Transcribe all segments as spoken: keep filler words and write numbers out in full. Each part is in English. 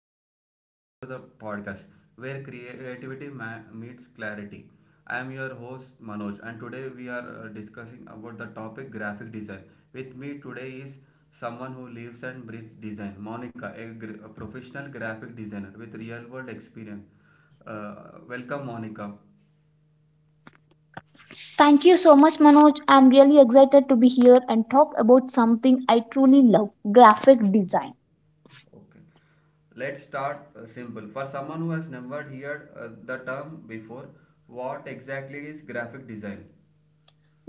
Hello everyone, welcome to the podcast where creativity ma- meets clarity. I am your host Manoj and today we are uh, discussing about the topic graphic design. With me today is someone who lives and breathes design, Monica, a, gr- a professional graphic designer with real world experience. Uh, welcome Monica. Thank you so much, Manoj. I'm really excited to be here and talk about something I truly love graphic design. Okay. Let's start uh, simple. For someone who has never heard uh, the term before, what exactly is graphic design?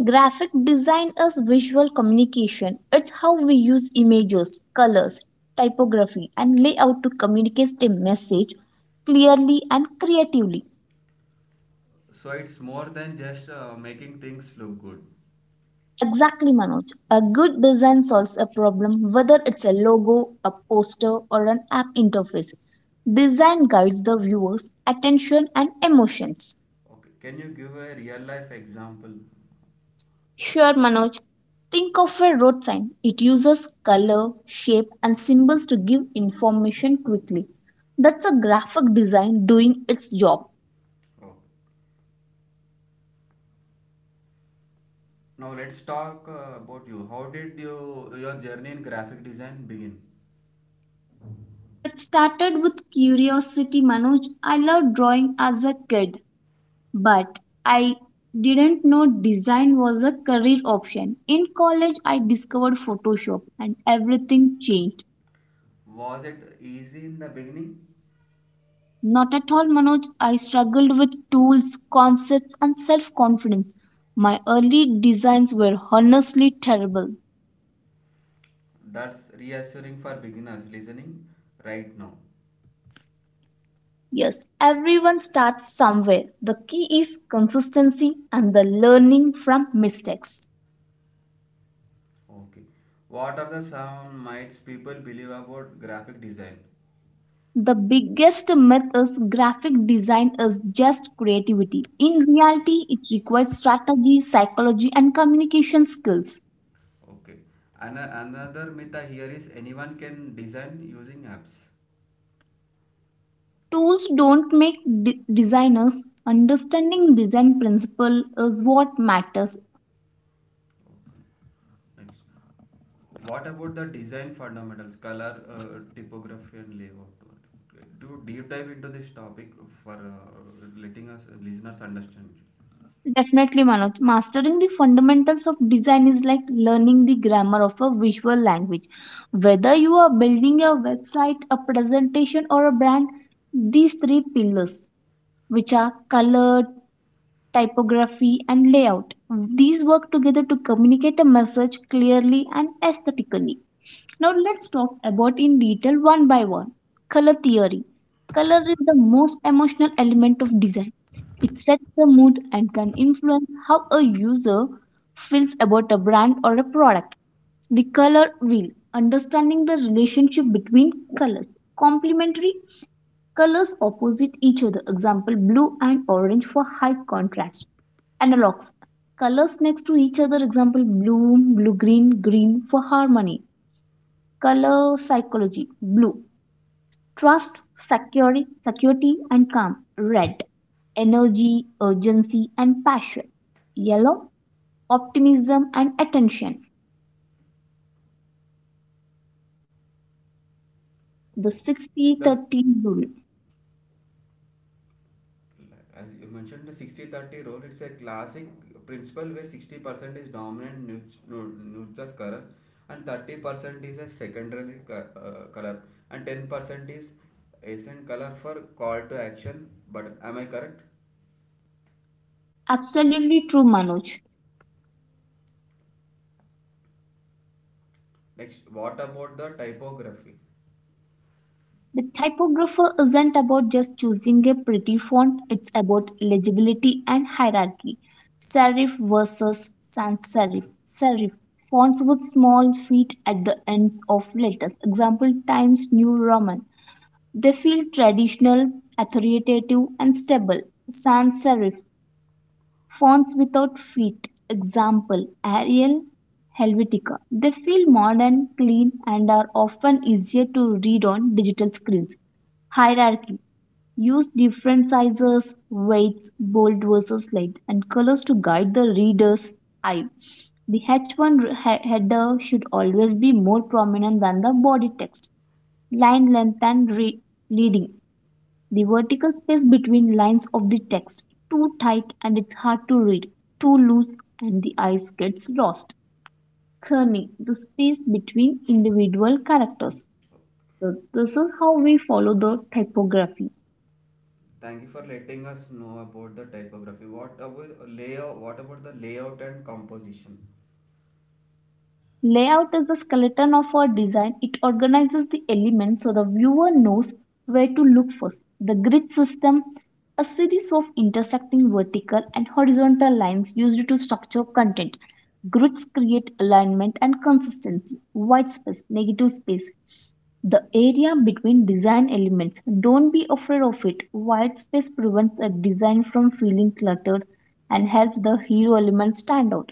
Graphic design is visual communication. It's how we use images, colors, typography, and layout to communicate a message clearly and creatively. So it's more than just uh, making things look good. Exactly, Manoj. A good design solves a problem, whether it's a logo, a poster, or an app interface. Design guides the viewer's attention and emotions. Okay, can you give a real life example? Sure, Manoj. Think of a road sign. It uses color, shape, and symbols to give information quickly. That's a graphic design doing its job. Oh. Now let's talk uh, about you. How did you your journey in graphic design begin? It started with curiosity, Manoj. I loved drawing as a kid, but I didn't know design was a career option. In college, I discovered Photoshop, and everything changed. Was it easy in the beginning? Not at all, Manoj. I struggled with tools, concepts, and self confidence. My early designs were honestly terrible. That's reassuring for beginners listening right now. Yes, everyone starts somewhere. The key is consistency and the learning from mistakes. Okay. What are the some myths people believe about graphic design? The biggest myth is graphic design is just creativity. In reality, it requires strategy, psychology, and communication skills. Okay. An- another myth I hear is anyone can design using apps. Tools don't make de- designers. Understanding design principle is what matters. Nice. What about the design fundamentals, color, uh, typography, and layout? Do deep dive into this topic for uh, letting us listeners understand. Definitely, Manoj. Mastering the fundamentals of design is like learning the grammar of a visual language. Whether you are building a website, a presentation, or a brand, these three pillars, which are color, typography, and layout, these work together to communicate a message clearly and aesthetically. Now let's talk about in detail one by one. Color theory. Color is the most emotional element of design. It sets the mood and can influence how a user feels about a brand or a product. The color wheel. Understanding the relationship between colors. Complementary colors opposite each other. Example, blue and orange for high contrast. Analogs. Colors next to each other. Example, blue, blue green, green for harmony. Color psychology. Blue, trust, security, security and calm. Red, energy, urgency and passion. Yellow, optimism and attention. Okay. The 60 Thus, thirty rule. as you mentioned, the sixty thirty rule, it's a classic principle where sixty percent is dominant neut- neu- neutral color and thirty percent is a secondary co- uh, color and ten percent is essential color for call to action. But am I correct? Absolutely true, Manoj. Next, what about the typography? The typographer isn't about just choosing a pretty font, it's about legibility and hierarchy. Serif versus sans serif. Serif fonts with small feet at the ends of letters. Example, Times New Roman. They feel traditional, authoritative, and stable. Sans serif fonts without feet, example Arial, Helvetica. They feel modern, clean, and are often easier to read on digital screens. Hierarchy. Use different sizes, weights, bold versus light, and colors to guide the reader's eye. The H one he- header should always be more prominent than the body text. Line length and re- leading. The vertical space between lines of the text, too tight and it's hard to read, too loose and the eyes gets lost. Kerning, the space between individual characters. So this is how we follow the typography. Thank you for letting us know about the typography. What about layout? What about the layout and composition? Layout is the skeleton of our design. It organizes the elements so the viewer knows where to look for. The grid system, a series of intersecting vertical and horizontal lines used to structure content. Grids create alignment and consistency. White space, negative space, the area between design elements. Don't be afraid of it. White space prevents a design from feeling cluttered and helps the hero element stand out.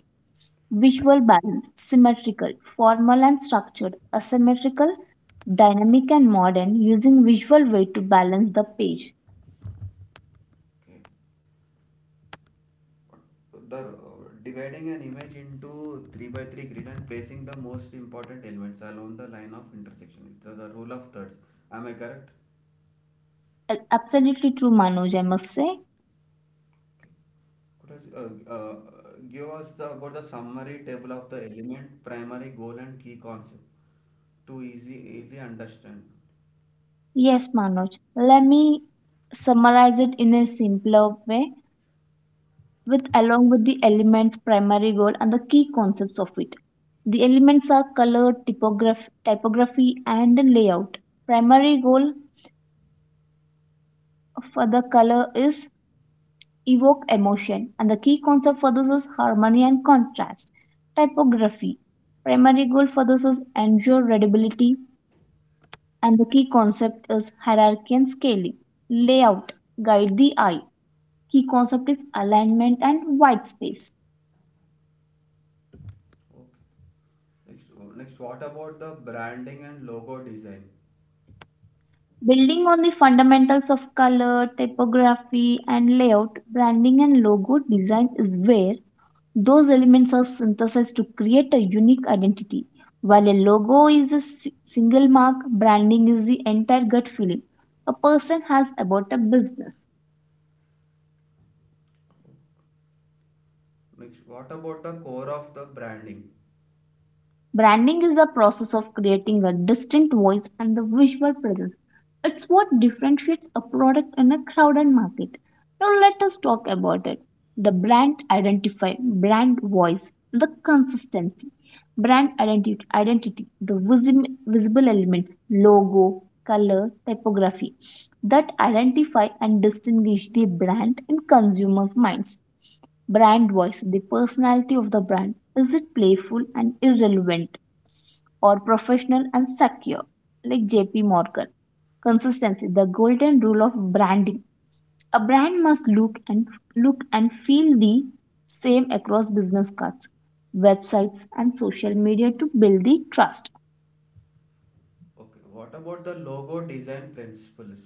Visual balance, symmetrical, formal and structured, asymmetrical, dynamic and modern, using visual way to balance the page. Okay. The uh, dividing an image into three by three grid and placing the most important elements along the line of intersection. It's uh, the rule of thirds. Am I correct? A- Absolutely true, Manoj, I must say. Okay. Could us, uh, uh, Give us the, about the summary table of the element, primary goal, and key concept to easy, easily understand. Yes, Manoj. Let me summarize it in a simpler way with along with the elements primary goal and the key concepts of it. The elements are color, typograph- typography and layout. Primary goal for the color is evoke emotion. And the key concept for this is harmony and contrast. Typography. Primary goal for this is ensure readability, and the key concept is hierarchy and scaling. Layout. Guide the eye. Key concept is alignment and white space. Oh. Next, Next, what about the branding and logo design? Building on the fundamentals of color, typography, and layout, branding and logo design is where those elements are synthesized to create a unique identity. While a logo is a si- single mark, branding is the entire gut feeling a person has about a business. Next, what about the core of the branding? Branding is a process of creating a distinct voice and the visual presence. It's what differentiates a product in a crowded market. Now let us talk about it. The brand identify, brand voice, the consistency, brand identity, identity the visi- visible elements, logo, color, typography that identify and distinguish the brand in consumers' minds. Brand voice, the personality of the brand, is it playful and irrelevant or professional and secure? Like J P Morgan. Consistency, the golden rule of branding. A brand must look and look and feel the same across business cards, websites and social media to build the trust. Okay, what about the logo design principles?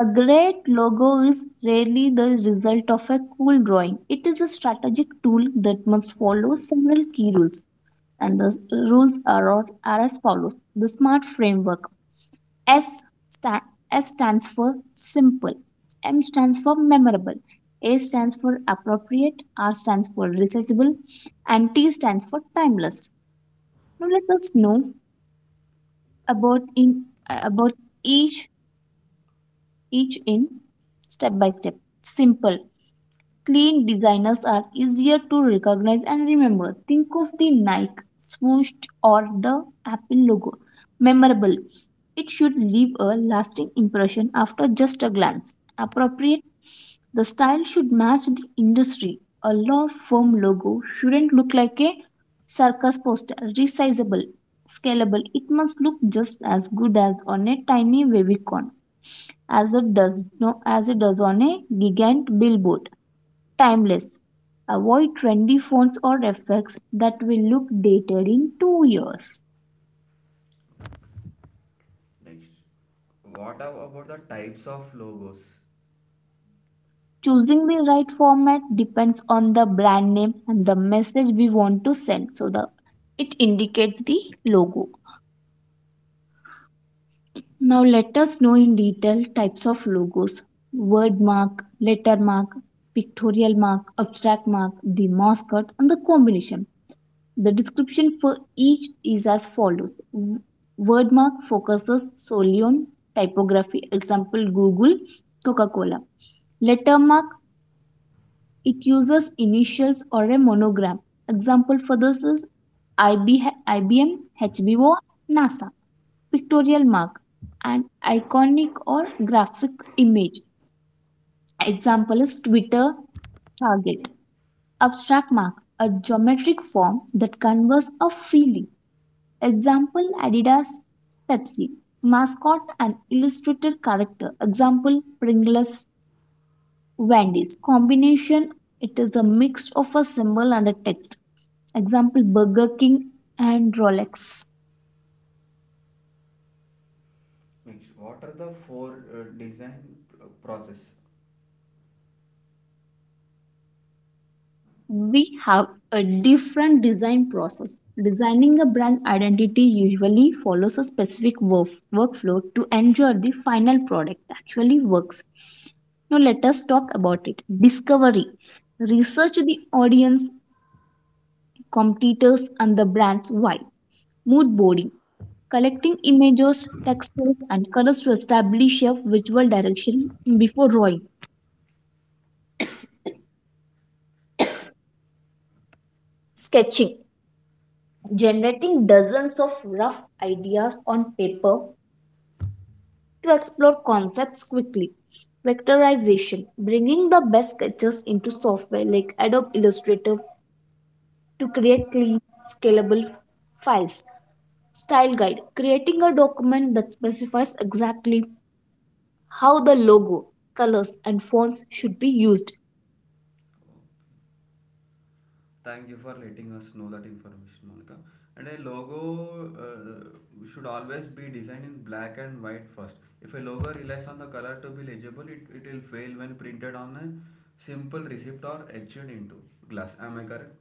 A great logo is rarely the result of a cool drawing. It is a strategic tool that must follow several key rules. And the rules are, are as follows. The SMART framework. S, sta- S stands for simple, M stands for memorable, A stands for appropriate, R stands for recognizable, and T stands for timeless. Now let us know about in uh, about each each in step by step. Simple. Clean designers are easier to recognize and remember. Think of the Nike swoosh or the Apple logo. Memorable. It should leave a lasting impression after just a glance. Appropriate. The style should match the industry. A law firm logo shouldn't look like a circus poster. Resizable. Scalable. It must look just as good as on a tiny wavy con as it does no, as it does on a gigant billboard. Timeless. Avoid trendy fonts or effects that will look dated in two years. Next, what about the types of logos? Choosing the right format depends on the brand name and the message we want to send. So the it indicates the logo. Now let us know in detail types of logos. Word mark, letter mark, pictorial mark, abstract mark, the mascot and the combination. The description for each is as follows. W- Wordmark focuses solely on typography, example Google, Coca Cola. Lettermark, it uses initials or a monogram. Example for this is IB, IBM, HBO, NASA. Pictorial mark, an iconic or graphic image. Example is Twitter, Target. Abstract mark, a geometric form that conveys a feeling. Example, Adidas, Pepsi. Mascot, an illustrated character. Example, Pringles, Wendy's. Combination, it is a mix of a symbol and a text. Example, Burger King and Rolex. Next, what are the four uh, design uh, process? We have a different design process. Designing a brand identity usually follows a specific work, workflow to ensure the final product actually works. Now, let us talk about it. Discovery. Research the audience, competitors, and the brand's why. Mood boarding. Collecting images, textures, and colors to establish a visual direction before drawing. Sketching. Generating dozens of rough ideas on paper to explore concepts quickly. Vectorization, bringing the best sketches into software like Adobe Illustrator to create clean, scalable files. Style guide, creating a document that specifies exactly how the logo, colors, and fonts should be used. Thank you for letting us know that information, Monica. And a logo uh, should always be designed in black and white first. If a logo relies on the color to be legible, it, it will fail when printed on a simple receipt or etched into glass. Am I correct?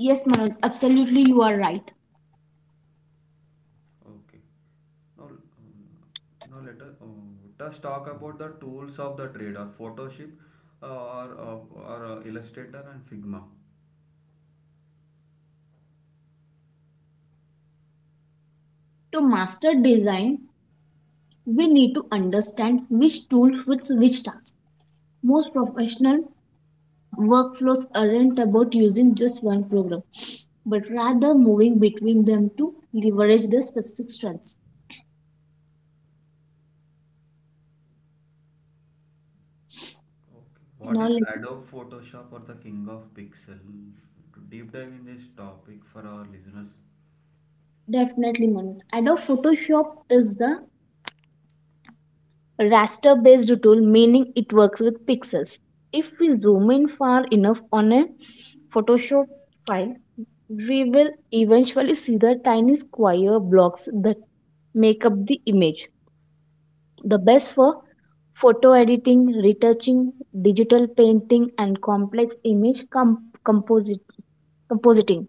Yes, Manoj, absolutely, you are right. Okay. Now, um, now let us, uh, us talk about the tools of the trade or Photoshop uh, or, uh, or uh, Illustrator and Figma. To master design, we need to understand which tool fits which task. Most professional workflows aren't about using just one program but rather moving between them to leverage their specific strengths. What Now, is let Adobe Photoshop or the King of Pixel? To deep dive in this topic for our listeners. Definitely, Manoj. Adobe Photoshop is the raster based tool, meaning it works with pixels. If we zoom in far enough on a Photoshop file, we will eventually see the tiny square blocks that make up the image. The best for photo editing, retouching, digital painting, and complex image com composit- compositing.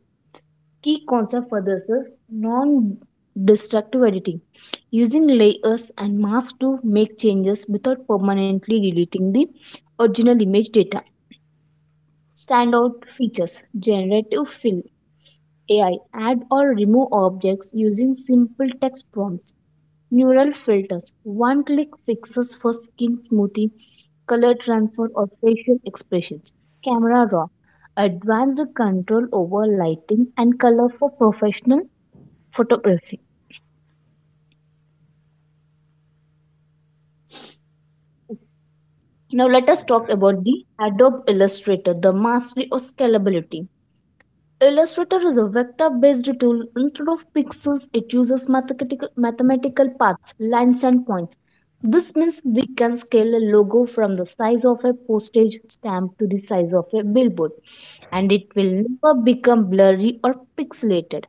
Key concept for this is non destructive editing, using layers and masks to make changes without permanently deleting the original image data. Standout features, generative fill, A I add or remove objects using simple text prompts. Neural filters, one click fixes for skin smoothing, color transfer, or facial expressions. Camera raw, advanced control over lighting and color for professional photography. Now let us uh, talk Thank you. about the Adobe Illustrator, the mastery of scalability. Illustrator is a vector-based tool. Instead of pixels, it uses mathematical, mathematical paths, lines, and points. This means we can scale a logo from the size of a postage stamp to the size of a billboard, and it will never become blurry or pixelated.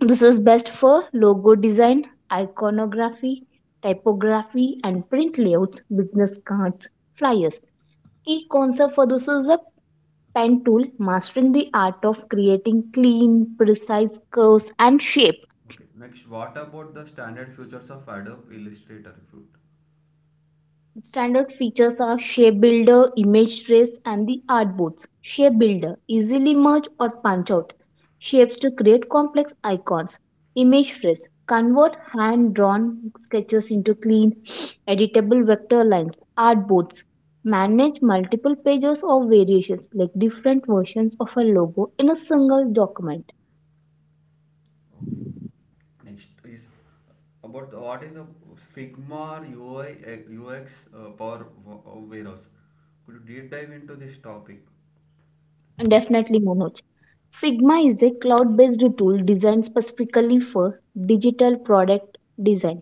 This is best for logo design, iconography, typography, and print layouts, business cards, flyers. Key concept for this is a pen tool, mastering the art of creating clean, precise curves and shapes. Okay. Next, what about the standard features of Adobe Illustrator? If you- Standard features are shape builder, image trace, and the artboards. Shape builder, easily merge or punch out shapes to create complex icons. Image trace, convert hand-drawn sketches into clean, editable vector lines. Artboards, manage multiple pages or variations like different versions of a logo in a single document. Okay. Next is about what is a Figma U I uh, U X uh, Power wa- uh, Warehouse. Could you deep dive into this topic? And definitely, Manoj. Figma is a cloud-based tool designed specifically for digital product design.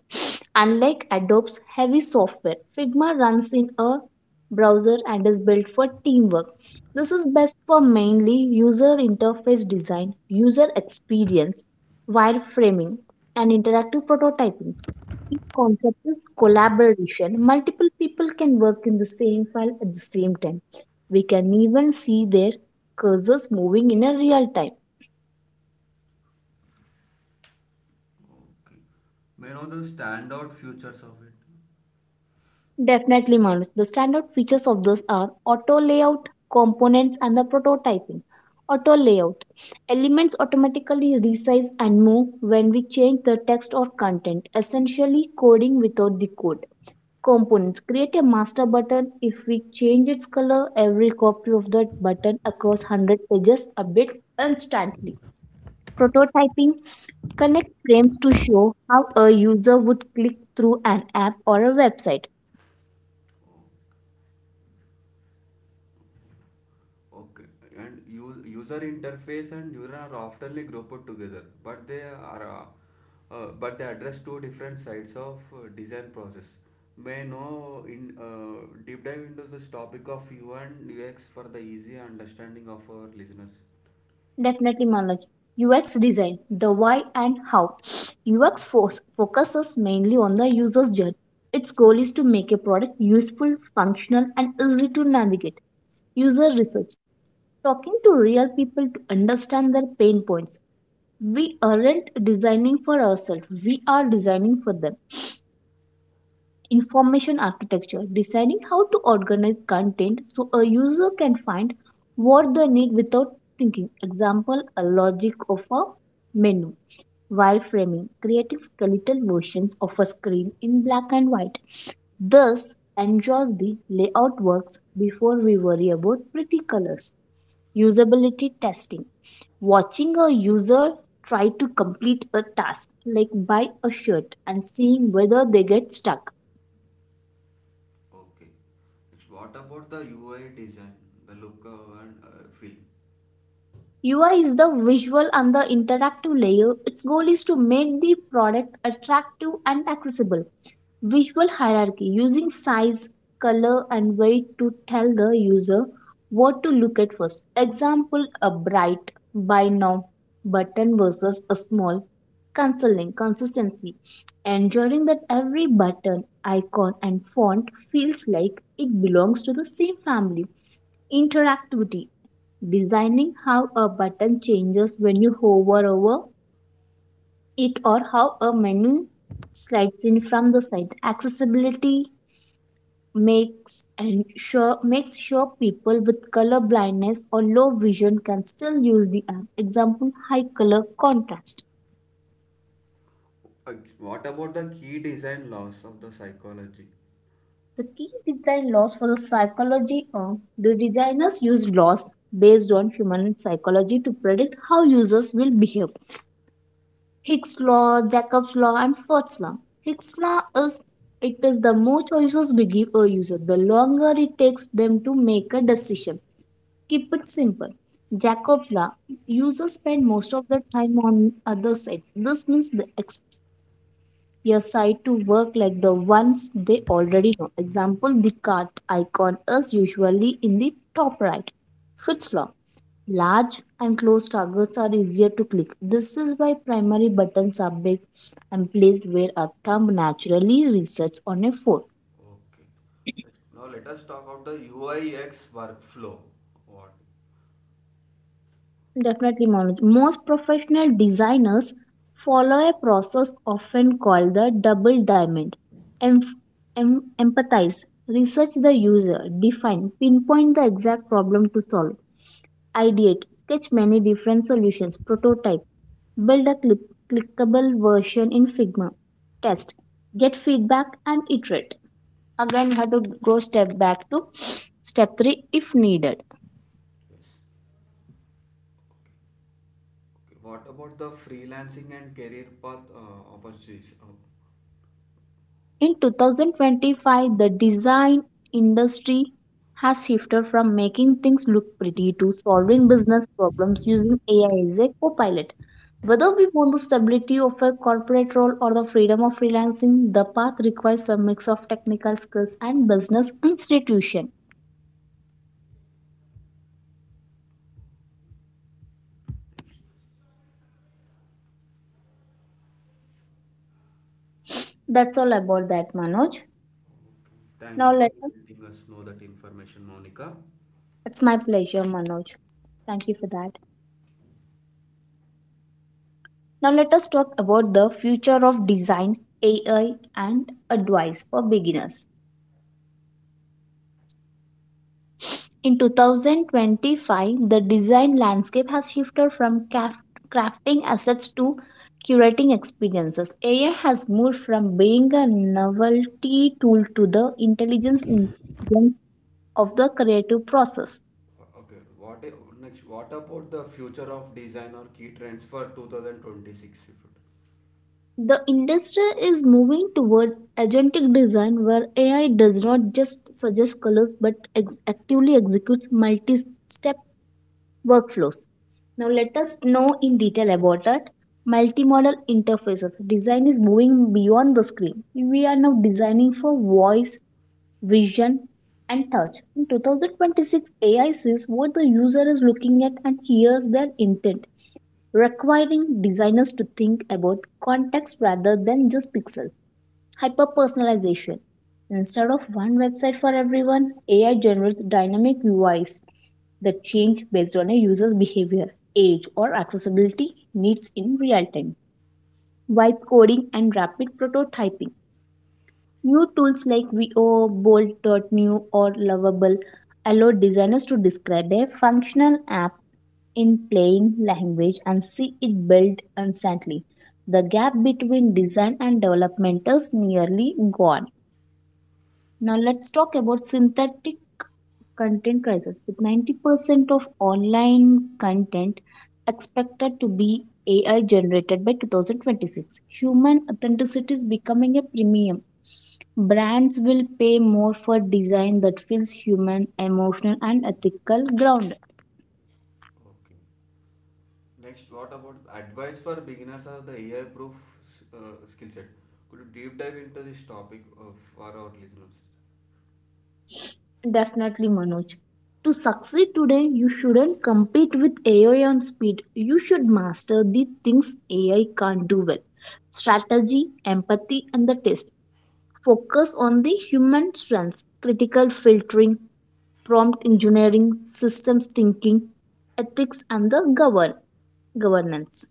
Unlike Adobe's heavy software, Figma runs in a browser and is built for teamwork. This is best for mainly user interface design, user experience, wireframing, and interactive prototyping. Key concept is collaboration. Multiple people can work in the same file at the same time. We can even see their cursors moving in a real time. Okay. May I know the standout features of it? Definitely, Manus. The standout features of this are auto layout, components, and the prototyping. Auto layout elements automatically resize and move when we change the text or content, essentially coding without the code. Components create a master button. If we change its color, every copy of that button across one hundred pages updates instantly. Prototyping connect frames to show how a user would click through an app or a website. Okay, and u- user interface and neuron are oftenly grouped together, but they are uh, uh, but they address two different sides of uh, design process. May know in uh, deep dive into this topic of U and U X for the easy understanding of our listeners. Definitely, Manoj. U X design, the why and how. U X force focuses mainly on the user's journey. Its goal is to make a product useful, functional, and easy to navigate. User research, talking to real people to understand their pain points. We aren't designing for ourselves, we are designing for them. Information architecture, deciding how to organize content so a user can find what they need without thinking. Example, a logic of a menu. Wireframing, creating skeletal versions of a screen in black and white, thus ensures the layout works before we worry about pretty colors. Usability testing, watching a user try to complete a task like buy a shirt and seeing whether they get stuck. Okay. Next, what about the U I design, the look uh, and uh, feel? U I is the visual and the interactive layer. Its goal is to make the product attractive and accessible. Visual hierarchy, using size, color, and weight to tell the user what to look at first. Example, a bright buy now button versus a small consoling consistency. Ensuring that every button, icon, and font feels like it belongs to the same family. Interactivity, designing how a button changes when you hover over it or how a menu slides in from the side. Accessibility makes and sure makes sure people with color blindness or low vision can still use the app. Example, high color contrast. Uh, what about the key design laws of the psychology? The key design laws for the psychology of the designers use laws based on human psychology to predict how users will behave. Hicks law, Jacobs law, and Firth's law. Hicks law is it is the more choices we give a user, the longer it takes them to make a decision. Keep it simple. Jacobs law, users spend most of their time on other sites. This means they expect your site to work like the ones they already know. Example: the cart icon is usually in the top right. Fitz law, large and closed targets are easier to click. This is why primary buttons are big and placed where a thumb naturally resets on a phone. Okay. Now let us talk about the U I U X workflow. What? Definitely, Manoj. Most professional designers follow a process often called the double diamond. Em- em- empathize, research the user. Define, pinpoint the exact problem to solve. Ideate, sketch many different solutions. Prototype, build a clip, clickable version in Figma. Test, get feedback, and iterate. Again, you have to go step back to step three if needed. Yes. What about the freelancing and career path uh, opportunities? Uh, In two thousand twenty-five, the design industry has shifted from making things look pretty to solving business problems using A I as a co-pilot. Whether we want the stability of a corporate role or the freedom of freelancing, the path requires a mix of technical skills and business institution. That's all about that, Manoj. Okay. Thank Now you for let us, letting us know that information, Monica. it's my pleasure, Manoj. Thank you for that. Now let us talk about the future of design, A I, and advice for beginners. In twenty twenty-five, the design landscape has shifted from craft- crafting assets to curating experiences. A I has moved from being a novelty tool to the intelligence engine of the creative process. Uh, Okay, what i- next? What about the future of design or key trends for two thousand twenty-six? If it- The industry is moving toward agentic design where A I does not just suggest colors but ex- actively executes multi-step workflows. Now let us know in detail about that. Multimodal interfaces. Design is moving beyond the screen. We are now designing for voice, vision, and touch. In twenty twenty-six, A I sees what the user is looking at and hears their intent, requiring designers to think about context rather than just pixels. Hyper personalization. Instead of one website for everyone, A I generates dynamic U Is that change based on a user's behavior, age, or accessibility needs in real time. Vibe coding and rapid prototyping. New tools like V O, Bolt.new, or Lovable allow designers to describe a functional app in plain language and see it built instantly. The gap between design and development is nearly gone. Now let's talk about synthetic content crisis. With ninety percent of online content expected to be A I generated by twenty twenty-six, human authenticity is becoming a premium. Brands will pay more for design that feels human, emotional, and ethical ground. Okay. Next, what about advice for beginners or the A I-proof uh, skill set? Could you deep dive into this topic uh, for our listeners? Definitely, Manoj. To succeed today, you shouldn't compete with A I on speed. You should master the things A I can't do well: strategy, empathy, and the test. Focus on the human strengths: critical filtering, prompt engineering, systems thinking, ethics, and the govern- governance.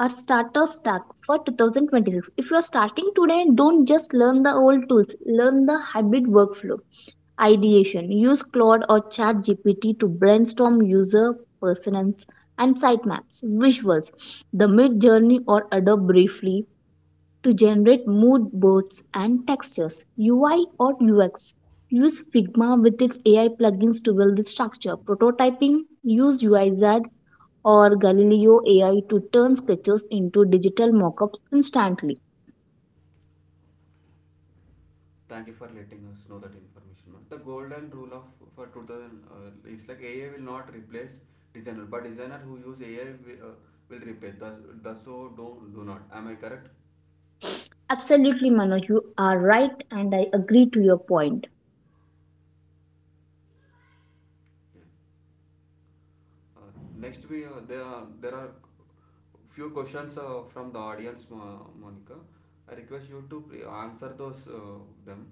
Our starter stack for two thousand twenty-six. If you are starting today, don't just learn the old tools, learn the hybrid workflow. Ideation, use Claude or ChatGPT to brainstorm user personas and sitemaps. Visuals, the mid journey or Adobe briefly to generate mood boards and textures. U I or U X, use Figma with its A I plugins to build the structure. Prototyping, use U I Z or Galileo A I to turn sketches into digital mock-ups instantly. Thank you for letting us know that information, ma'am. The golden rule of for two thousand uh, is like A I will not replace designer, but designer who use A I will, uh, will replace. Thus, thus so do do not. Am I correct? Absolutely, Manoj, you are right, and I agree to your point. Yeah. Uh, Next we uh, there are there are few questions uh, from the audience, Monica. I request you to answer those uh, them.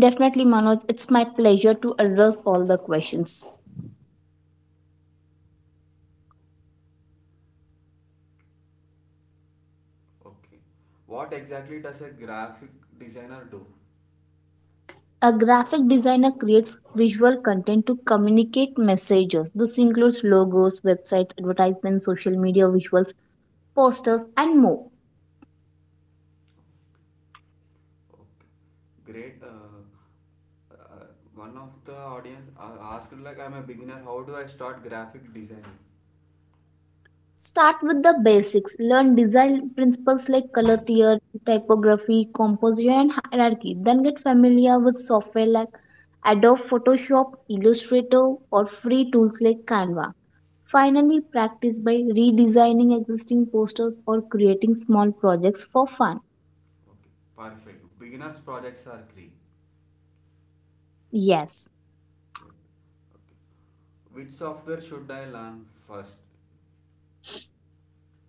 Definitely, Manoj, it's my pleasure to address all the questions. Okay. What exactly does a graphic designer do? A graphic designer creates visual content to communicate messages. This includes logos, websites, advertisements, social media visuals, posters, and more. Okay. Great. Uh, uh, One of the audience uh, asked like I'm a beginner, how do I start graphic designing? Start with the basics. Learn design principles like color theory, typography, composition, and hierarchy. Then get familiar with software like Adobe Photoshop, Illustrator, or free tools like Canva. Finally, practice by redesigning existing posters or creating small projects for fun. Okay, perfect. Beginners projects are free? Yes, Yep. Which software should I learn first?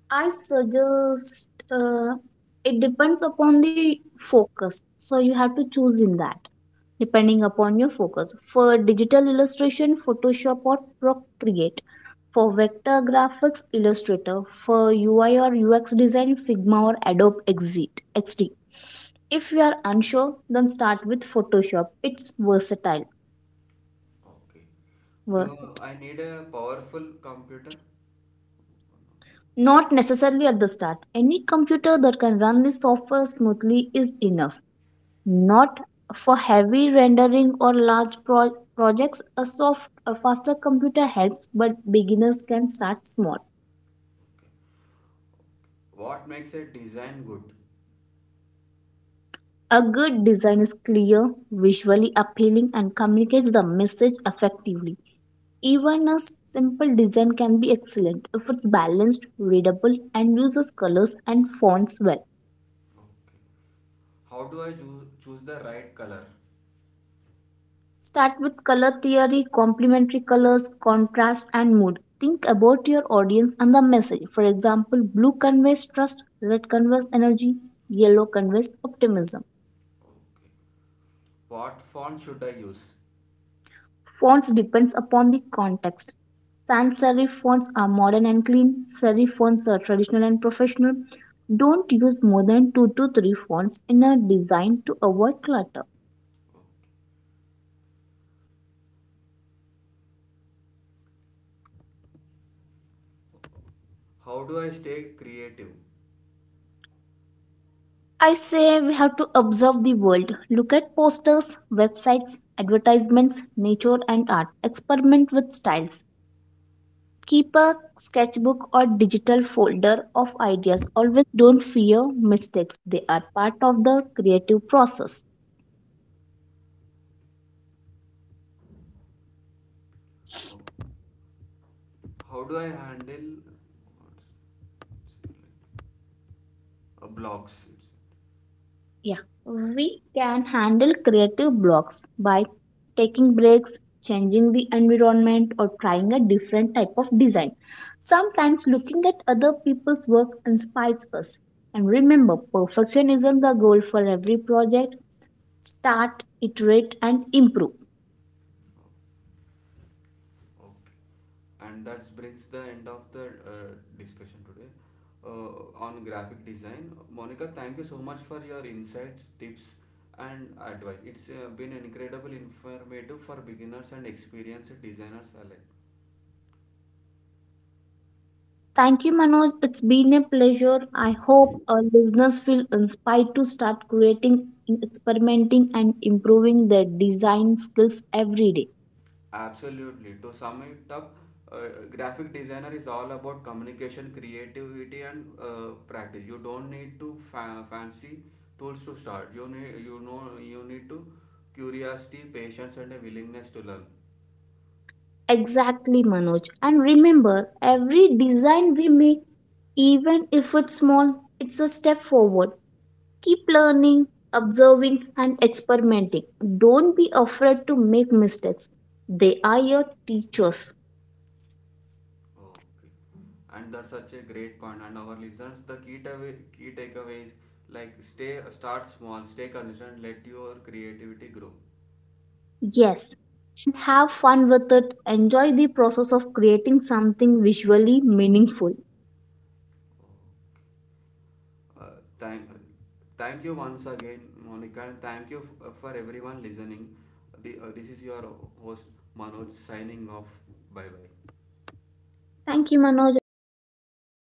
I suggest uh, it depends upon the focus. So you have to choose in that. Depending upon your focus. For digital illustration, Photoshop or Procreate. For vector graphics, Illustrator. For U I or U X design, Figma or Adobe Exit X D. If you are unsure, then start with Photoshop. It's versatile. Okay. Do Versatile. I need a powerful computer? Not necessarily at the start. Any computer that can run this software smoothly is enough. Not for heavy rendering or large pro- projects, a soft a faster computer helps, but beginners can start small. Okay. What makes a design good? A good design is clear, visually appealing, and communicates the message effectively. Even a simple design can be excellent if it's balanced, readable, and uses colors and fonts well. Okay. How do I choo- choose the right color? Start with color theory, complementary colors, contrast, and mood. Think about your audience and the message. For example, blue conveys trust, red conveys energy, yellow conveys optimism. Okay. What font should I use? Fonts depends upon the context. Sans serif fonts are modern and clean. Serif fonts are traditional and professional. Don't use more than two to three fonts in a design to avoid clutter. Okay. How do I stay creative? I say we have to observe the world. Look at posters, websites, advertisements, nature and art. Experiment with styles. Keep a sketchbook or digital folder of ideas. Always don't fear mistakes. They are part of the creative process. Okay. How do I handle uh, blocks? Yeah, we can handle creative blocks by taking breaks, changing the environment, or trying a different type of design. Sometimes looking at other people's work inspires us. And remember, perfection isn't the goal for every project. Start, iterate, and improve. Okay. And that brings the end of the uh, discussion today uh, on graphic design. Monica, thank you so much for your insights, tips, and advice. It's uh, been incredible informative for beginners and experienced designers alike. Thank you, Manoj. It's been a pleasure. I hope our listeners feel inspired to start creating, experimenting, and improving their design skills every day. Absolutely. To sum it up, uh, graphic designer is all about communication, creativity, and uh, practice. You don't need to fa- fancy tools to start. You need you know you need to curiosity, patience, and a willingness to learn. Exactly, Manoj. And remember, every design we make, even if it's small, it's a step forward. Keep learning, observing, and experimenting. Don't be afraid to make mistakes. They are your teachers. Okay. And that's such a great point. And our listeners, the key takeaway, key takeaways like stay, start small, stay consistent, let your creativity grow. Yes. And have fun with it. Enjoy the process of creating something visually meaningful. Uh, thank, Thank you once again, Monica, and thank you f- uh, for everyone listening. The, uh, this is your host Manoj signing off. Bye bye. Thank you, Manoj, and thank you to the